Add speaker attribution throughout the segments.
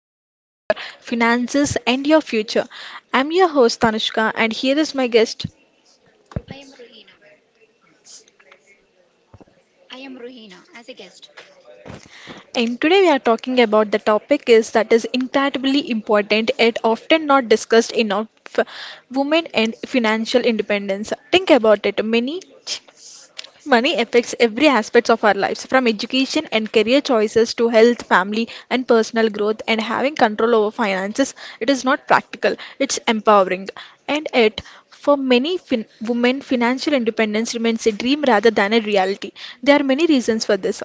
Speaker 1: control of your finances and your future. I'm your host Tanushka, and here is my guest.
Speaker 2: I am Ruhina as a guest.
Speaker 1: And today we are talking about the topic is that is incredibly important and often not discussed enough: women and financial independence. Think about it, many Money affects every aspect of our lives, from education and career choices to health, family, and personal growth. And having control over finances, it is not practical, it's empowering. And yet, for many women, financial independence remains a dream rather than a reality. There are many reasons for this.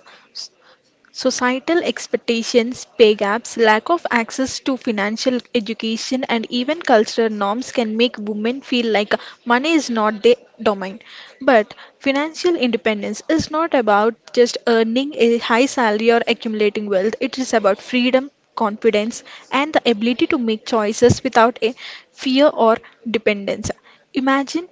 Speaker 1: Societal expectations, pay gaps, lack of access to financial education, and even cultural norms can make women feel like money is not their domain. But financial independence is not about just earning a high salary or accumulating wealth, it is about freedom, confidence, and the ability to make choices without a fear or dependence. Imagine a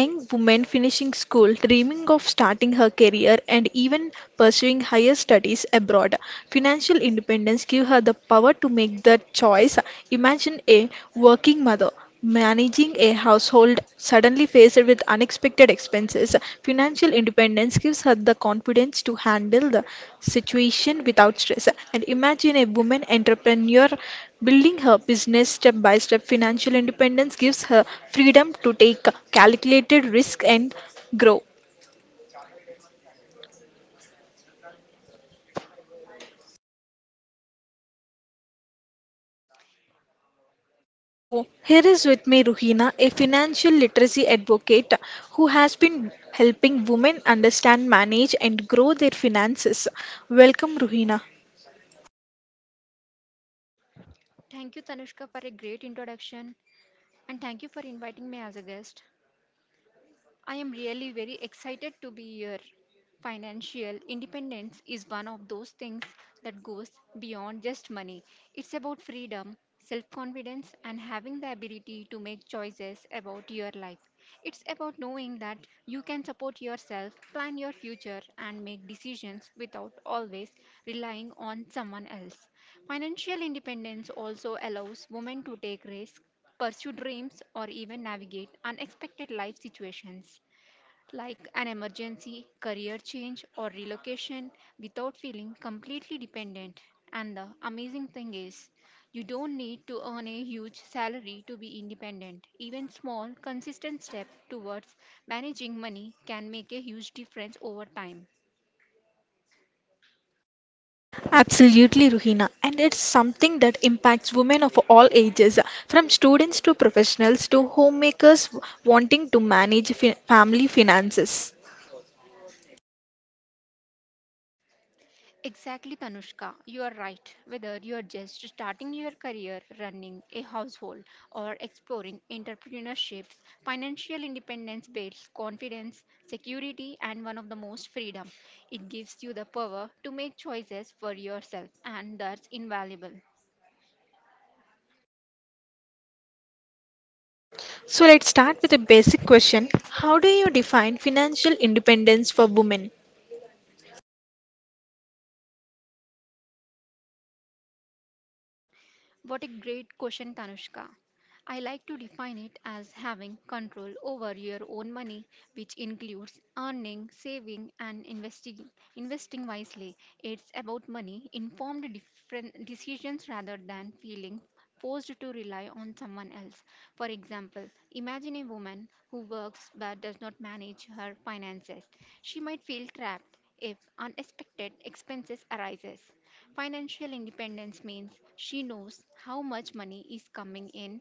Speaker 1: young woman finishing school, dreaming of starting her career and even pursuing higher studies abroad. Financial independence gives her the power to make that choice. Imagine a working mother managing a household suddenly faced with unexpected expenses. Financial independence gives her the confidence to handle the situation without stress. And imagine a woman entrepreneur Building her business step by step, financial independence gives her freedom to take calculated risk and grow. So, here is with me Ruhina, a financial literacy advocate who has been helping women understand, manage, and grow their finances. Welcome, Ruhina.
Speaker 2: Thank you, Tanushka, for a great introduction and thank you for inviting me as a guest. I am really very excited to be here. Financial independence is one of those things that goes beyond just money. It's about freedom, self confidence, and having the ability to make choices about your life. It's about knowing that you can support yourself, plan your future, and make decisions without always relying on someone else. Financial independence also allows women to take risks, pursue dreams, or even navigate unexpected life situations like an emergency, career change, or relocation without feeling completely dependent. And the amazing thing is, you don't need to earn a huge salary to be independent. Even small, consistent steps towards managing money can make a huge difference over time.
Speaker 1: Absolutely, Ruhina. And it's something that impacts women of all ages, from students to professionals to homemakers wanting to manage family finances.
Speaker 2: Exactly, Tanushka. You are right. Whether you are just starting your career, running a household, or exploring entrepreneurships, financial independence builds confidence, security, and one of the most freedom. It gives you the power to make choices for yourself, and that's invaluable.
Speaker 1: So let's start with a basic question. How do you define financial independence for women?
Speaker 2: What a great question, Tanushka. I like to define it as having control over your own money, which includes earning, saving, and investing. Investing wisely. It's about money informed different decisions rather than feeling forced to rely on someone else. For example, imagine a woman who works but does not manage her finances. She might feel trapped if unexpected expenses arises. Financial independence means she knows how much money is coming in,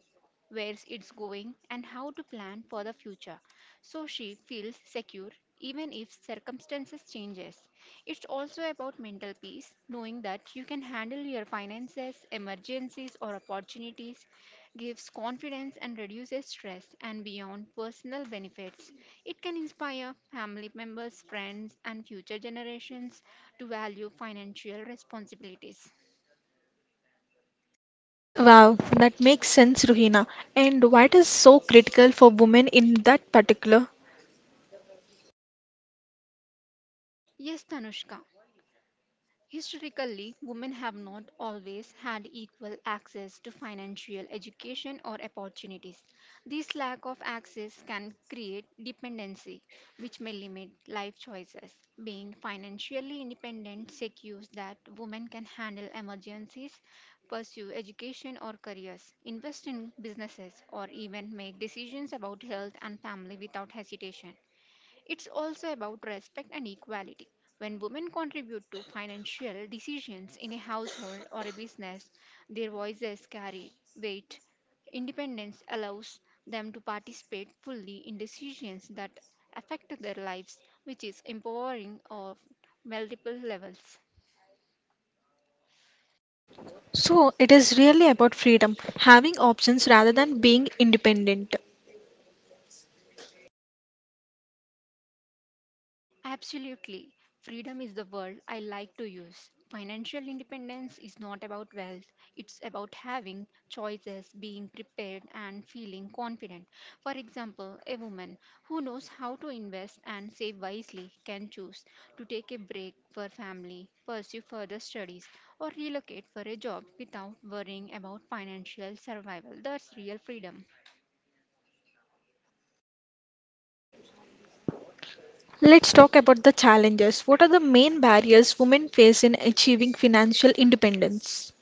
Speaker 2: where it's going, and how to plan for the future. So she feels secure even if circumstances changes. It's also about mental peace, knowing that you can handle your finances, emergencies or opportunities gives confidence and reduces stress, and beyond personal benefits, it can inspire family members, friends, and future generations to value financial responsibilities.
Speaker 1: Wow, that makes sense, Ruhina. And what is so critical for women in that particular?
Speaker 2: Yes, Tanushka, historically, women have not always had equal access to financial education or opportunities. This lack of access can create dependency, which may limit life choices. Being financially independent secures that women can handle emergencies, pursue education or careers, invest in businesses, or even make decisions about health and family without hesitation. It's also about respect and equality. When women contribute to financial decisions in a household or a business, their voices carry weight. Independence allows them to participate fully in decisions that affect their lives, which is empowering on multiple levels.
Speaker 1: So it is really about freedom, having options rather than being independent.
Speaker 2: Absolutely. Freedom is the word I like to use. Financial independence is not about wealth, it's about having choices, being prepared, and feeling confident. For example, a woman who knows how to invest and save wisely can choose to take a break for family, pursue further studies, or relocate for a job without worrying about financial survival. That's real freedom.
Speaker 1: Let's talk about the challenges. What are the main barriers women face in achieving financial independence?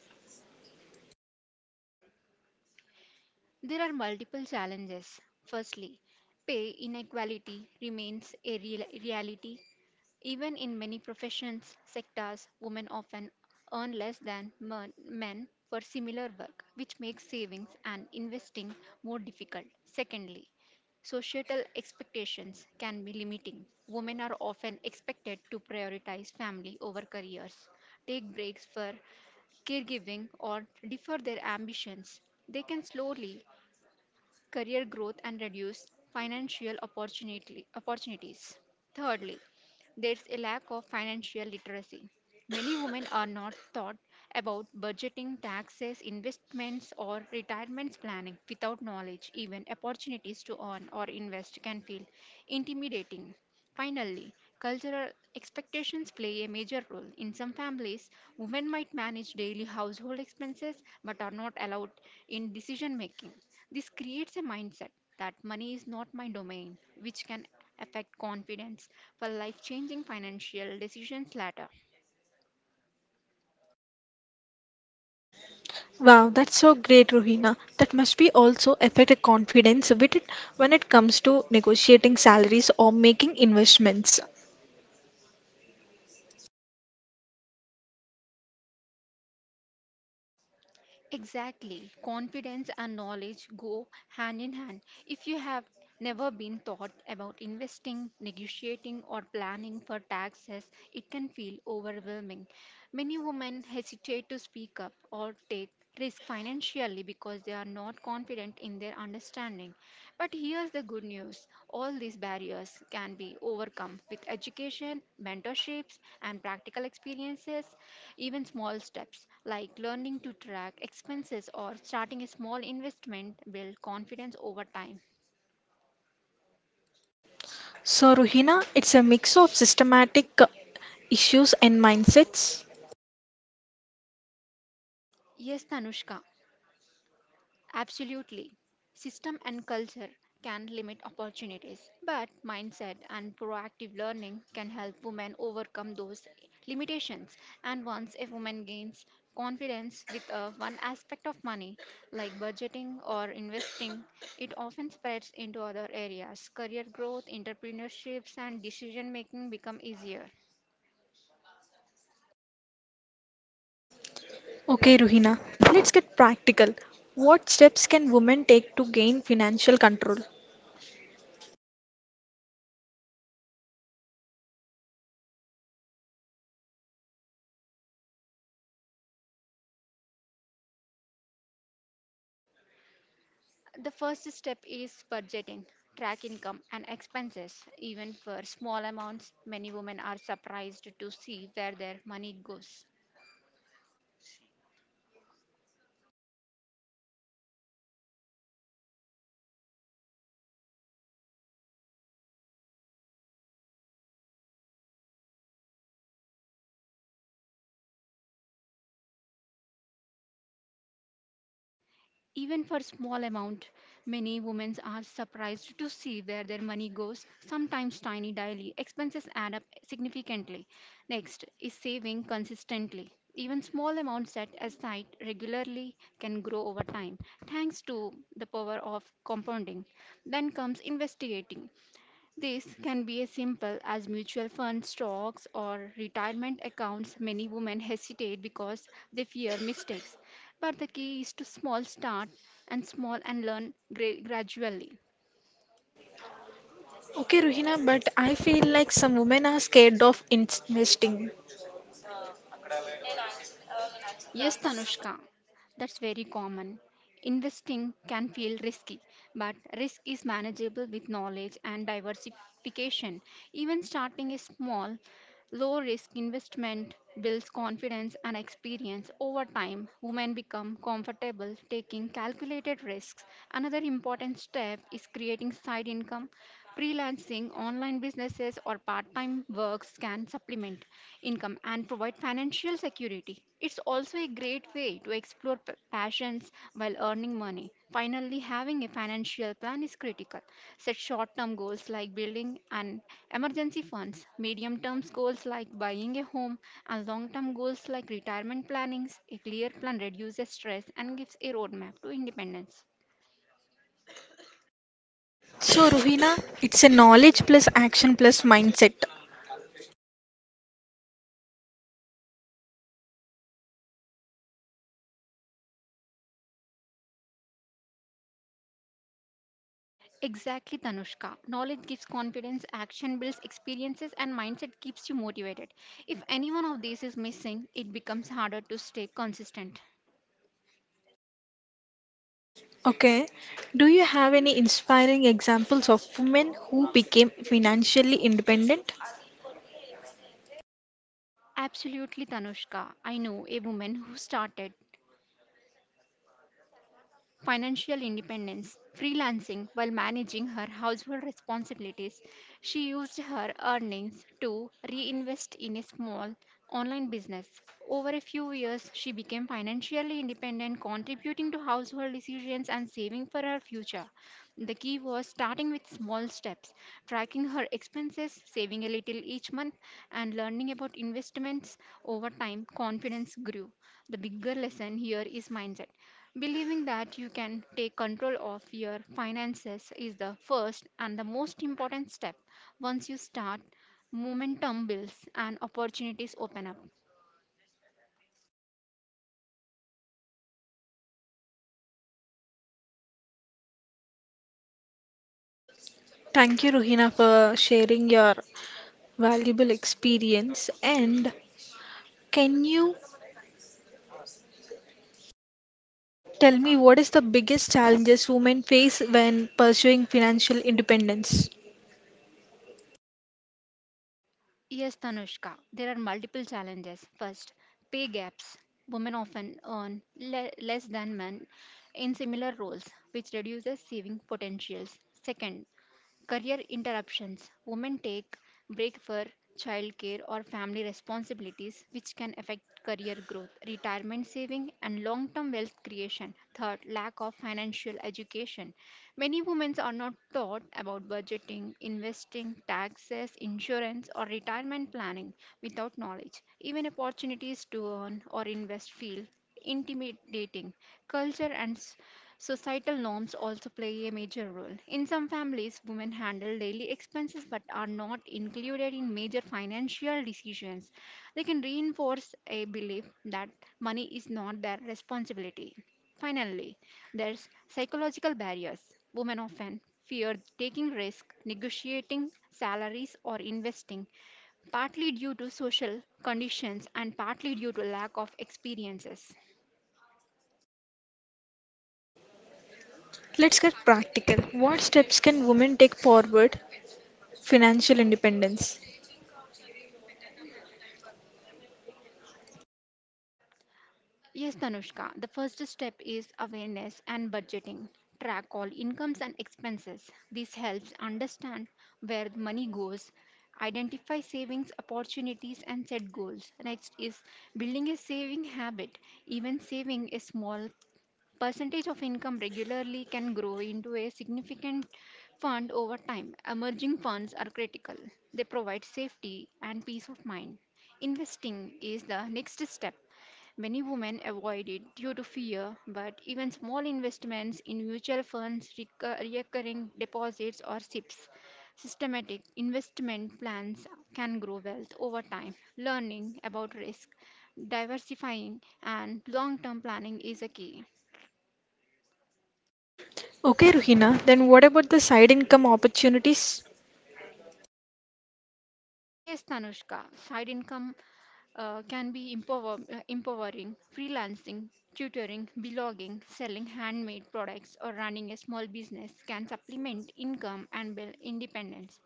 Speaker 2: There are multiple challenges. Firstly, pay inequality remains a real reality. Even in many professions, sectors, women often earn less than men for similar work, which makes savings and investing more difficult. Secondly, societal expectations can be limiting. Women are often expected to prioritize family over careers, take breaks for caregiving, or defer their ambitions. They can slowly career growth and reduced financial opportunity, opportunities. Thirdly, there's a lack of financial literacy. Many women are not taught about budgeting, taxes, investments, or retirement planning. Without knowledge, even opportunities to earn or invest can feel intimidating. Finally, cultural expectations play a major role. In some families, women might manage daily household expenses but are not allowed in decision making. This creates a mindset that money is not my domain, which can affect confidence for life changing financial decisions later.
Speaker 1: Wow, that's so great, Rohina. That must be also affect a confidence with it when it comes to negotiating salaries or making investments.
Speaker 2: Exactly. Confidence and knowledge go hand in hand. If you have never been taught about investing, negotiating, or planning for taxes, it can feel overwhelming. Many women hesitate to speak up or take risk financially because they are not confident in their understanding. But here's the good news, all these barriers can be overcome with education, mentorships, and practical experiences. Even small steps like learning to track expenses or starting a small investment build confidence over time.
Speaker 1: So, Rohina, it's a mix of systematic issues and mindsets.
Speaker 2: Yes, Tanushka, absolutely. System and culture can limit opportunities, but mindset and proactive learning can help women overcome those limitations. And once a woman gains confidence with one aspect of money, like budgeting or investing, it often spreads into other areas. Career growth, entrepreneurships, and decision making become easier.
Speaker 1: Okay, Rohina, let's get practical. What steps can women take to gain financial control?
Speaker 2: The first step is budgeting. Track income and expenses. Even for small amounts, many women are surprised to see where their money goes. Even for small amount, many women are surprised to see where their money goes. Sometimes tiny daily expenses add up significantly. Next is saving consistently. Even small amounts set aside regularly can grow over time thanks to the power of compounding. Then comes investigating. This can be as simple as mutual fund stocks, or retirement accounts. Many women hesitate because they fear mistakes. But the key is to small start and small and learn gradually.
Speaker 1: Okay, Ruhina, but I feel like some women are scared of investing.
Speaker 2: Yes, Tanushka, that's very common. Investing can feel risky, but risk is manageable with knowledge and diversification. Even starting a small, low risk investment builds confidence and experience. Over time, women become comfortable taking calculated risks. Another important step is creating side income. Freelancing, online businesses, or part time works can supplement income and provide financial security. It's also a great way to explore passions while earning money. Finally, having a financial plan is critical. Set short term goals like building an emergency funds, medium term goals like buying a home, and long term goals like retirement plannings. A clear plan reduces stress and gives a roadmap to independence.
Speaker 1: So, Ruhina, it's a knowledge plus action plus mindset.
Speaker 2: Exactly, Tanushka. Knowledge gives confidence, action builds experiences, and mindset keeps you motivated. If any one of these is missing, it becomes harder to stay consistent.
Speaker 1: Okay. Do you have any inspiring examples of women who became financially independent?
Speaker 2: Absolutely, Tanushka. I know a woman who started financial independence, freelancing while managing her household responsibilities. She used her earnings to reinvest in a small online business. Over a few years, she became financially independent, contributing to household decisions and saving for her future. The key was starting with small steps, tracking her expenses, saving a little each month, and learning about investments over time. Confidence grew. The bigger lesson here is mindset. Believing that you can take control of your finances is the first and the most important step. Once you start, momentum builds and opportunities open up.
Speaker 1: Thank you, Ruhina, for sharing your valuable experience. And can you tell me what is the biggest challenges women face when pursuing financial independence?
Speaker 2: Yes, Tanushka, there are multiple challenges. First, pay gaps. Women often earn less than men in similar roles, which reduces saving potentials. Second, career interruptions. Women take break for childcare or family responsibilities which can affect career growth, retirement saving and long-term wealth creation. Third, lack of financial education. Many women are not taught about budgeting, investing, taxes, insurance or retirement planning without knowledge. Even opportunities to earn or invest feel intimidating. Culture and societal norms also play a major role. In some families, women handle daily expenses but are not included in major financial decisions. They can reinforce a belief that money is not their responsibility. Finally, there's psychological barriers. Women often fear taking risk, negotiating salaries or investing, partly due to social conditions and partly due to lack of experiences.
Speaker 1: Let's get practical. What steps can women take forward financial independence?
Speaker 2: Yes, Tanushka, the first step is awareness and budgeting. Track all incomes and expenses. This helps understand where the money goes, identify savings opportunities, and set goals. Next is building a saving habit. Even saving a small percentage of income regularly can grow into a significant fund over time. Emerging funds are critical, they provide safety and peace of mind. Investing is the next step. Many women avoid it due to fear, but even small investments in mutual funds, recurring deposits, or SIPs, systematic investment plans can grow wealth over time. Learning about risk, diversifying, and long term planning is a key.
Speaker 1: Okay, Ruhina, then what about the side income opportunities?
Speaker 2: Yes, Tanushka, side income can be empowering, freelancing, tutoring, blogging, selling handmade products, or running a small business can supplement income and build independence.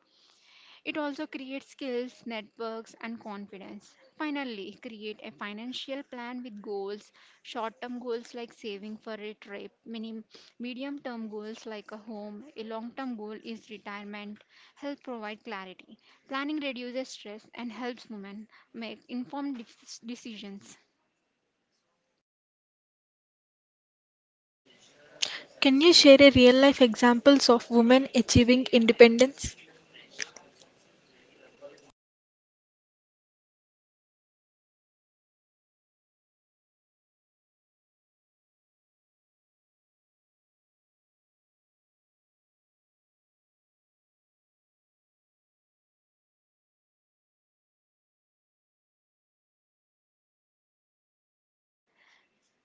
Speaker 2: It also creates skills, networks, and confidence. Finally, create a financial plan with goals, short term goals like saving for a trip, medium term goals like a home, a long term goal is retirement. Help provide clarity. Planning reduces stress and helps women make informed decisions.
Speaker 1: Can you share a real life examples of women achieving independence?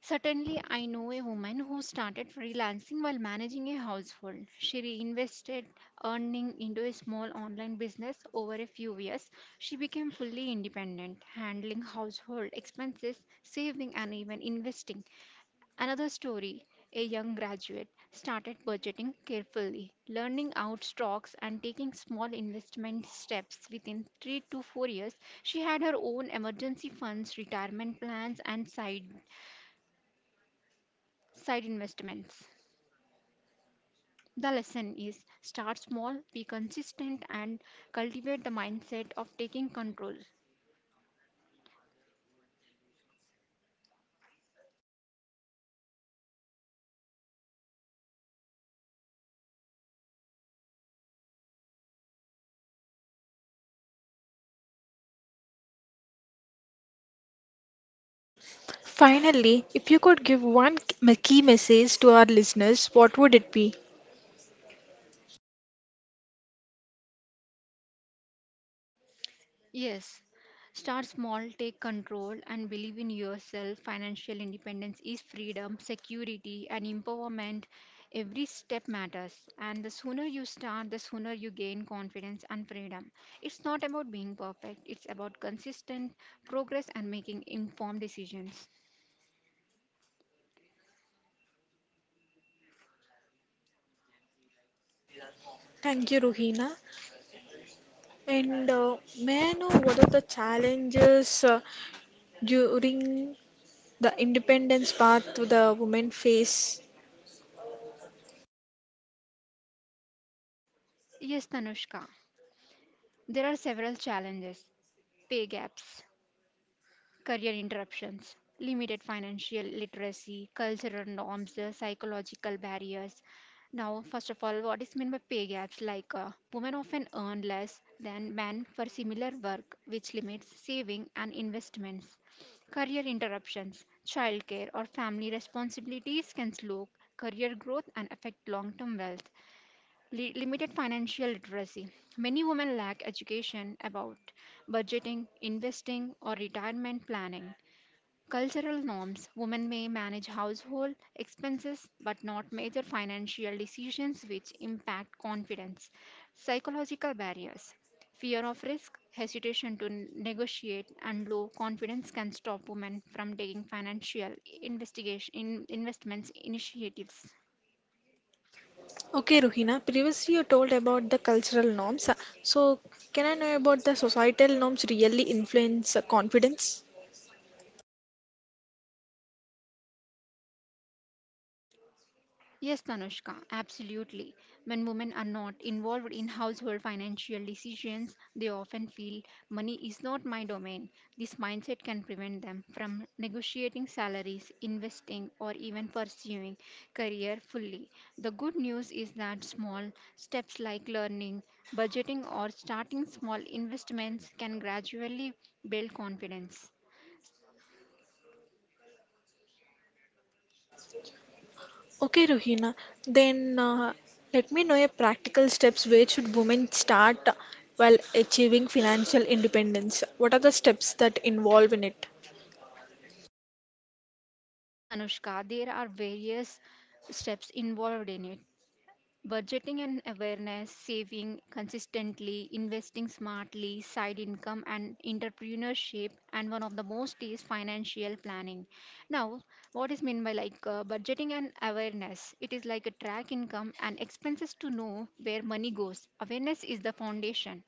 Speaker 2: Certainly, I know a woman who started freelancing while managing a household. She reinvested earning into a small online business over a few years. She became fully independent, handling household expenses, saving, and even investing. Another story, a young graduate started budgeting carefully, learning out stocks and taking small investment steps within 3 to 4 years. She had her own emergency funds, retirement plans, and side side investments. The lesson is start small, be consistent, and cultivate the mindset of taking control.
Speaker 1: Finally, if you could give one key message to our listeners, what would it be?
Speaker 2: Yes, start small, take control, and believe in yourself. Financial independence is freedom, security, and empowerment. Every step matters, and the sooner you start, the sooner you gain confidence and freedom. It's not about being perfect, it's about consistent progress and making informed decisions.
Speaker 1: Thank you, Ruhina. And may I know what are the challenges during the independence path to the women face?
Speaker 2: Yes, Tanushka. There are several challenges: pay gaps, career interruptions, limited financial literacy, cultural norms, psychological barriers. Now, first of all, what is meant by pay gaps? Like, women often earn less than men for similar work, which limits saving and investments. Career interruptions, childcare, or family responsibilities can slow career growth and affect long term wealth. Limited financial literacy. Many women lack education about budgeting, investing, or retirement planning. Cultural norms. Women may manage household expenses but not major financial decisions which impact confidence. Psychological barriers. Fear of risk, hesitation to negotiate, and low confidence can stop women from taking financial investigation in investments initiatives.
Speaker 1: Okay, Ruhina, previously you told about the cultural norms. So, can I know about the societal norms really influence confidence?
Speaker 2: Yes, Tanushka, absolutely. When women are not involved in household financial decisions, they often feel money is not my domain. This mindset can prevent them from negotiating salaries, investing, or even pursuing career fully. The good news is that small steps like learning, budgeting, or starting small investments can gradually build confidence.
Speaker 1: Okay, Ruhina. Then let me know your practical steps where should women start while achieving financial independence? What are the steps that involve in it?
Speaker 2: Yes, Tanushka, there are various steps involved in it. Budgeting and awareness, saving consistently, investing smartly, side income, and entrepreneurship, and one of the most is financial planning. Now, what is meant by like, budgeting and awareness? It is like a track income and expenses to know where money goes. Awareness is the foundation.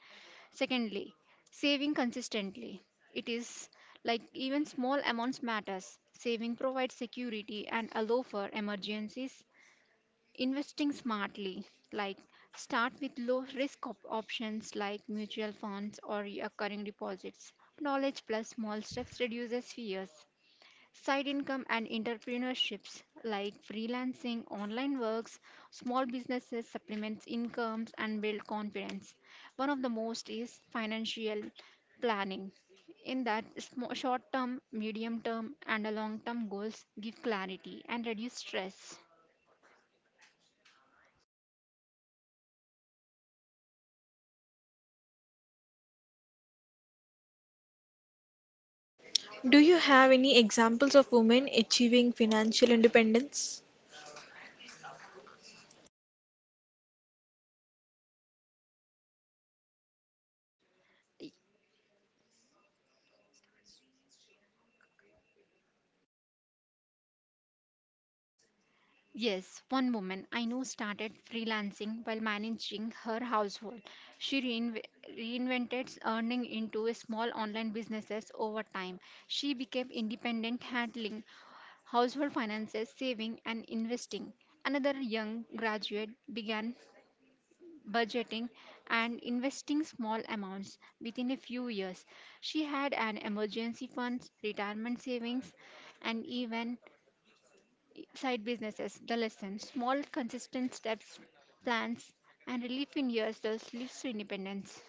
Speaker 2: Secondly, saving consistently. It is like even small amounts matters. Saving provides security and allow for emergencies. Investing smartly, like start with low risk options like mutual funds or recurring deposits. Knowledge plus small steps reduces fears. Side income and entrepreneurships like freelancing, online works, small businesses supplements incomes and build confidence. One of the most is financial planning. In that, short term, medium term, and long term goals give clarity and reduce stress.
Speaker 1: Do you have any examples of women achieving financial independence?
Speaker 2: Yes, one woman I know started freelancing while managing her household. She reinvented earning into a small online businesses over time. She became independent handling household finances, saving and investing. Another young graduate began budgeting and investing small amounts within a few years. She had an emergency funds, retirement savings, and even side businesses. The lesson: small, consistent steps, plans, and relief in years thus leads to independence.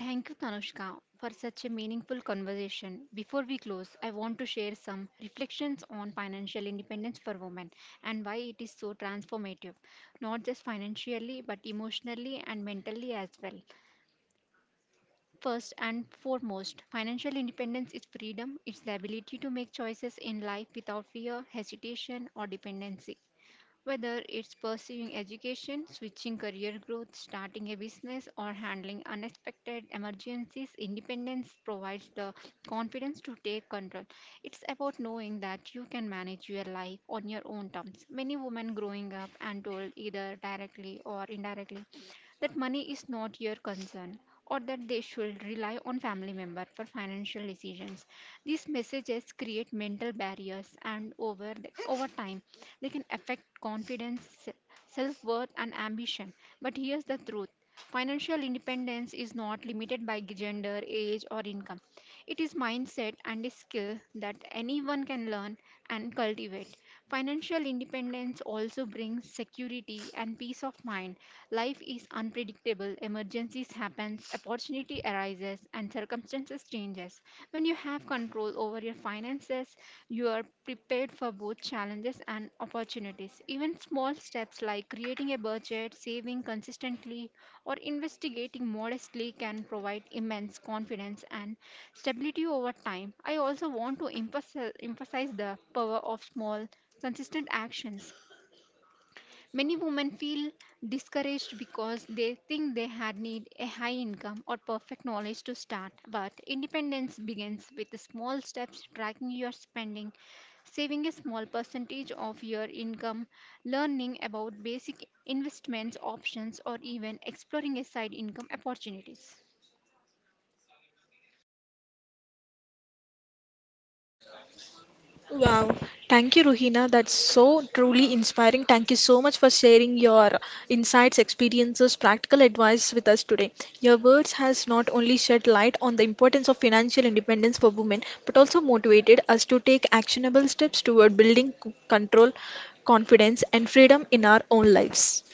Speaker 2: Thank you, Tanushka, for such a meaningful conversation. Before we close, I want to share some reflections on financial independence for women and why it is so transformative, not just financially, but emotionally and mentally as well. First and foremost, financial independence is freedom. It's the ability to make choices in life without fear, hesitation, or dependency. Whether it's pursuing education, switching career growth, starting a business, or handling unexpected emergencies, independence provides the confidence to take control. It's about knowing that you can manage your life on your own terms. Many women growing up and told either directly or indirectly that money is not your concern or that they should rely on family member for financial decisions. These messages create mental barriers, and over time they can affect confidence, self worth, and ambition. But here's the truth: financial independence is not limited by gender, age, or income. It is mindset and a skill that anyone can learn and cultivate. Financial independence also brings security and peace of mind. Life is unpredictable, emergencies happen, opportunity arises and circumstances changes. When you have control over your finances, you are prepared for both challenges and opportunities. Even small steps like creating a budget, saving consistently, or investigating modestly can provide immense confidence and stability over time. I also want to emphasize the power of small, consistent actions. Many women feel discouraged because they think they had need a high income or perfect knowledge to start. But independence begins with the small steps, tracking your spending, saving a small percentage of your income, learning about basic investments options, or even exploring a side income opportunities.
Speaker 1: Wow. Thank you, Ruhina. That's so truly inspiring. Thank you so much for sharing your insights, experiences, practical advice with us today. Your words has not only shed light on the importance of financial independence for women, but also motivated us to take actionable steps toward building control, confidence, and freedom in our own lives.